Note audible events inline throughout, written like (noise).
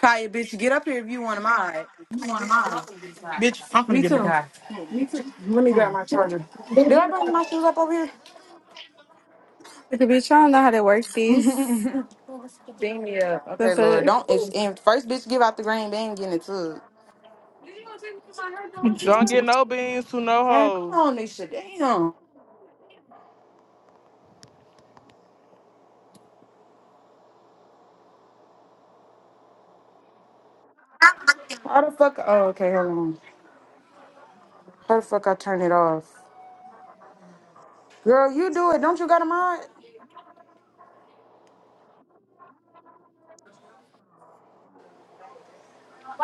Kaya, bitch, get up here if you want to mod. Bitch, I'm finna Me get in the too. car. Let me grab my charger. Did Okay, I bring my shoes up over Look, if you trying to know how to work this, here? (laughs) Beam me up. the Okay, Lord. fuck? Don't. If, if first bitch give out the green, they ain't getting it too. Don't get no beans to no Man, come hoes. on, Nisha. Damn. How the fuck? Oh, okay. Hold on. How the fuck I turn it off? Girl, you do it. Don't you got a mod?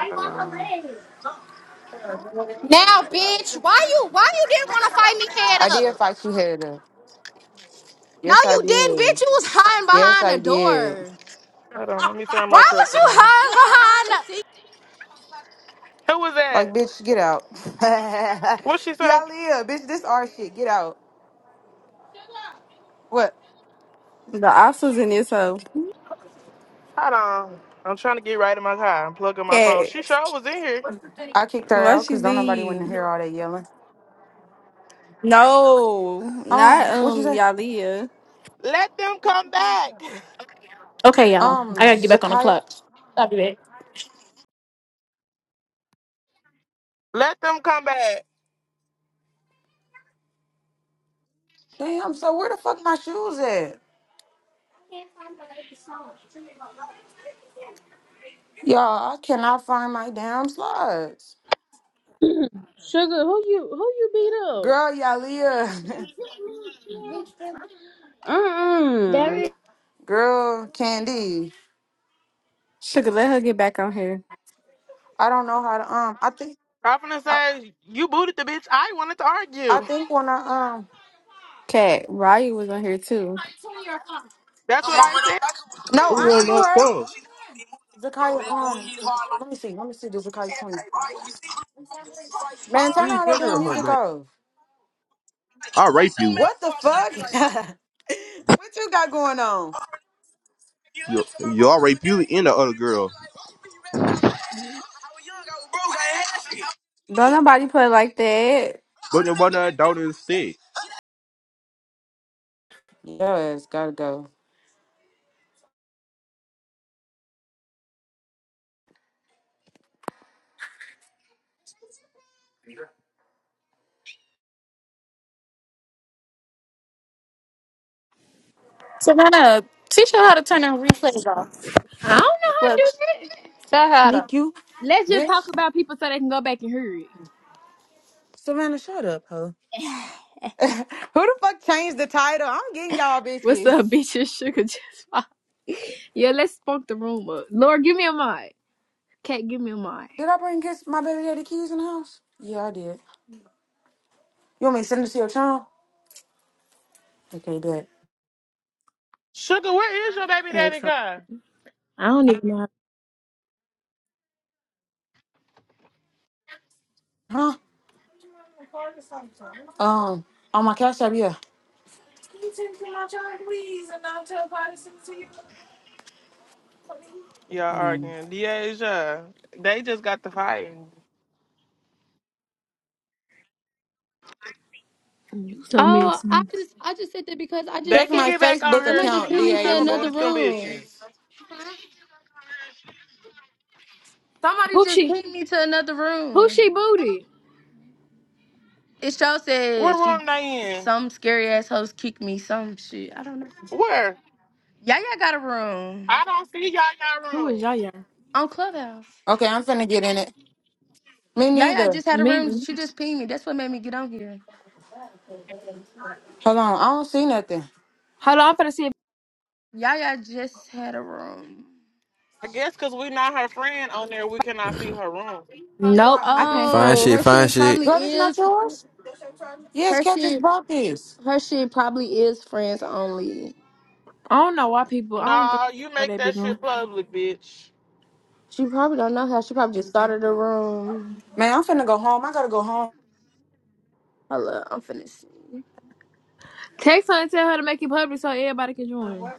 Hold on. Now, bitch, why you why you didn't want to fight me head I did up? fight you head up. No, Yes, I you didn't, did. bitch. You was hiding Yes, behind I the did. door. Hold on. Let me turn my Why truck was you on. hiding behind? Who was Like, that? bitch, get out. What she (laughs) say? Y'all live, bitch. This our shit. Get out. What? The ops was in this hoe. Hold on. I'm trying to get right in my car. I'm plugging my phone. Cat, She sure was in here. I kicked her why out she because don't nobody want to leave? hear all that yelling. No, not Um, what you um say? Yalia. Let them come back. y'all. Um, I gotta get back on the Zakiya. clock. I'll be back. (laughs) Let them come back. Damn, so where the fuck my shoes at? Y'all, I cannot find my damn slides. Sugar, who you who you beat up? Girl, Yalia. Uh uh (laughs) Girl, Candy. Sugar, let her get back on here. I don't know how to um I think I'm finna I, say, you booted the bitch. I wanted to I argue. think when I um Cat, Raya was on here too. That's what I said. No, Who I on ain't boo my phone? her. Zakiya um let me see, let me see the Zakiya 20. Man, turn Who's all been that damn my music man? off. I'll rape you. What the fuck? (laughs) what you got going on? You, you I'll rape you and the other girl. Don't nobody play like that. But the one that don't is sick. Your ass gotta go. Savannah, teach her how to turn the replays off. I don't know how to Look, do that. tell her how to. Sneak you, Let's just talk bitch. about people so they can go back and hear it. Savannah, shut up, hoe. Who the fuck changed the title? I'm getting y'all What's bitches. up, (laughs) bitches? Sugar just (laughs) popped. Yeah, let's spunk the room up. Lord, give me a mic. Cat, give me a mic. Did I bring kiss my baby daddy keys in the house? Yeah, I did. You want me to send them to your channel? Okay, bet. Sugar, where is your baby daddy Exo. car? I don't even know how to Huh? Um, on my cash app, yeah. Y'all Hold on. arguing. Deja. They just got the fighting. do Oh, I something. just I just said that because I just They Check can said my get back on Facebook her. somebody Sugar, just account, you pinned me should to never another DeAsia. booted them room. bitches. Somebody Who just she? pinned me to another Who room. she booty? It show What said she room they in? some scary ass host kicked me some shit. I don't know. Where? Yaya got a room I don't see y'all y'all Who is rooms. Yaya? on Clubhouse. Okay, I'm finna get in it. Me Yaya neither. just had a Me? room. She just pinged me. That's what made me get on here. Hold on, I don't see nothing. Hold on, I'm finna see if... Yaya just had a room. I guess cause we not her friend on there, we cannot see (laughs) her room. My Nope, block, I nigga. can't Fine find Oh, it. shit, her fine shit shit. probably Girl, this not is yours? Yes, her Cat just shit. bought this. Her shit probably is friends only. I don't know why people... I don't think Nah, you they know make they be that doing. shit public, bitch. She probably don't know how. She probably just started the room. Man, I'm finna go home. I gotta go home. Hello, I'm finna see. Text her and tell her to make it public so everybody can join.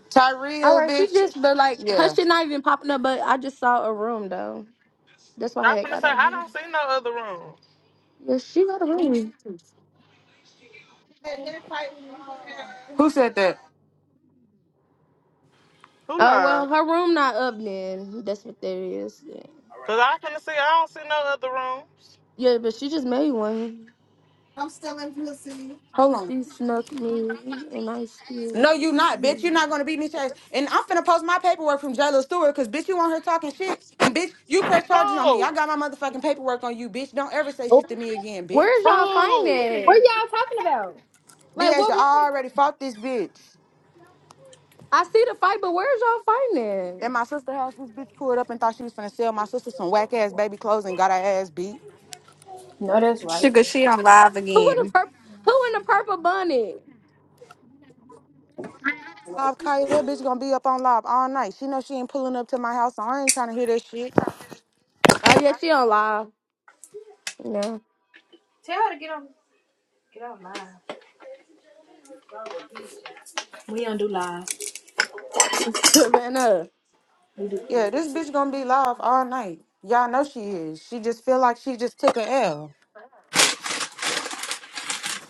All Tyria, right, she bitch. just but like her Yeah. shit not even popping up. But I just saw a room though. That's why I'm I finna got say on I here. don't see no other rooms. Yeah, she got a room. Who said that? Who Oh well, lied? her room not up then. That's what that is. Yeah, Cause I finna say I don't see no other rooms. yeah but she just made one. Hold on. She snuck me, and I still No, you not, bitch. see. You're it. not gonna beat me, chase. And I'm finna post my paperwork from Jayla Stewart, cause bitch, you on her talking shit. And bitch, you press charges on me. Who? I got my motherfucking paperwork on you, bitch. Don't ever say Oh. shit to me again, bitch. Where's y'all find Who? What it? y'all talking about? Like, Deja, what room? I already fought this bitch. I see the fight, but where's y'all find At it? my sister's house, this bitch pulled up and thought she was finna sell my sister some whack ass baby clothes and got her ass beat. No, that's right. Sugar, she on live Who in the again. purple? Who in the purple bunny? Lob Kaya, that bitch gonna be up on Lob all night. She know she ain't pulling up to my house, so I ain't trying to hear that shit. Oh yeah, she on live. Yeah. Tell her to get on. Get out live. We don't do live. Savannah. Yeah, this bitch gonna be live all night. Y'all know she is. She just feel like she just took an L.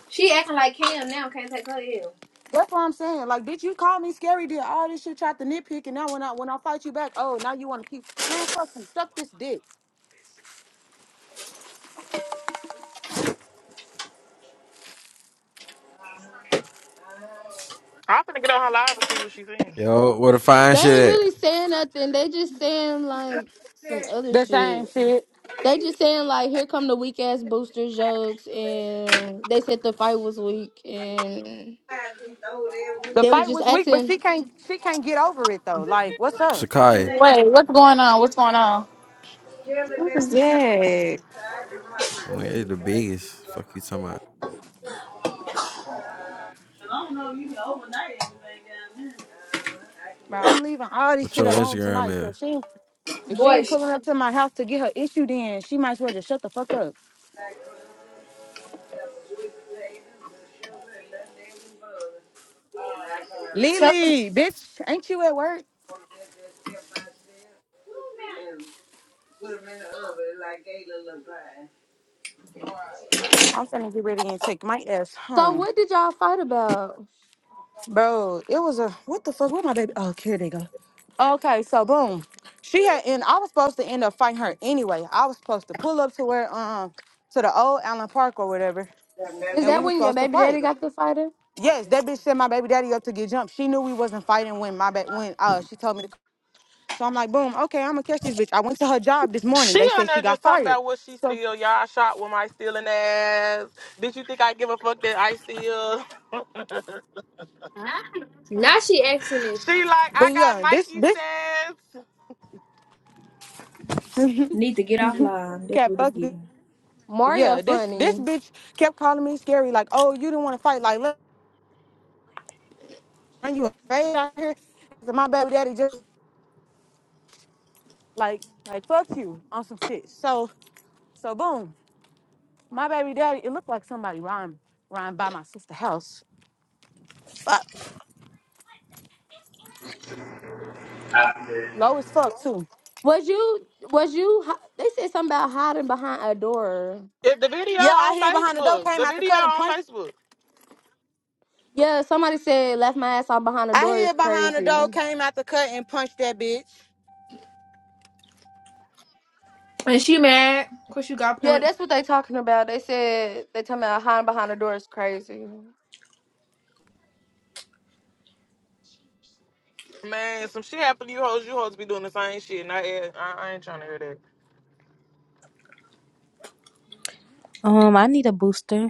She acting like Cam now. Can't take her ill. That's what I'm saying. Like, bitch, you called me scary, did all this shit, tried to nitpick, and now when I when I fight you back, oh, now you want to keep man, fucking suck this dick. I'm finna get on her live and see what she's saying. Yo, where the fine They ain't shit at? really saying nothing. They just saying like some other The same shit. shit. They just saying like, here come the weak ass booster jokes, and they said the fight was weak, and The they were fight just was weak, but asking. she can't she can't get over it though. Like, what's up? Sakai. Wait, what's going on? What's going on? What is that? Man, the biggest. Fuck you talking about. Man, I'm leaving all this What shit your alone tonight. Instagram So is. if she ain't- if she Boy, ain't sh- pulling up to my house to get her issue, then she might as well just shut the fuck up. tell her Lily, bitch, ain't you at work? I'm finna get ready and take my ass So home. what did y'all fight about? Bro, it was a what the fuck? Where my baby? Oh, here they go. Okay, so boom, she had and I was supposed to end up fighting her anyway. I was supposed to pull up to where um to the old Allen Park or whatever, Is and we that was when your supposed to baby daddy fight. got the fighter? Yes, that bitch sent my baby daddy up to get jumped. She knew we wasn't fighting when my ba- when uh she told me to. So I'm like, boom, okay, I'm gonna catch this bitch. I went to her job this morning. She They on said she there just got talking fired. about what she So, steal. Y'all shot with my stealing ass. Did you think I give a fuck that I steal? (laughs) Now she asking if She like, I but got yeah, this Mikey this says. (laughs) need to get off live. That's cat what it's fucked. me. giving. Mario Yeah, this this funny. bitch kept calling me scary. Like, oh, you didn't want to fight. Like, look. Aren't you afraid out here? So my baby daddy just like like fuck you on some shit. So so boom, my baby daddy. It looked like somebody rhymed rhymed by my sister house. But low as fuck too. Was you was you? hi- They said something about hiding behind a door. If the video Yeah, I on hear behind the door Facebook, came the out the video cut and on punched. Facebook. Yeah, somebody said left my ass out behind a I door is hear behind the door crazy. came out the cut and punched that bitch. And she mad because you got Yeah, punched. that's what they talking about. They said they talking about hiding behind the door is crazy. Man, some shit happened to you hoes. You hoes be doing the same shit. And I, I, I ain't trying to hear that. Um, I need a booster.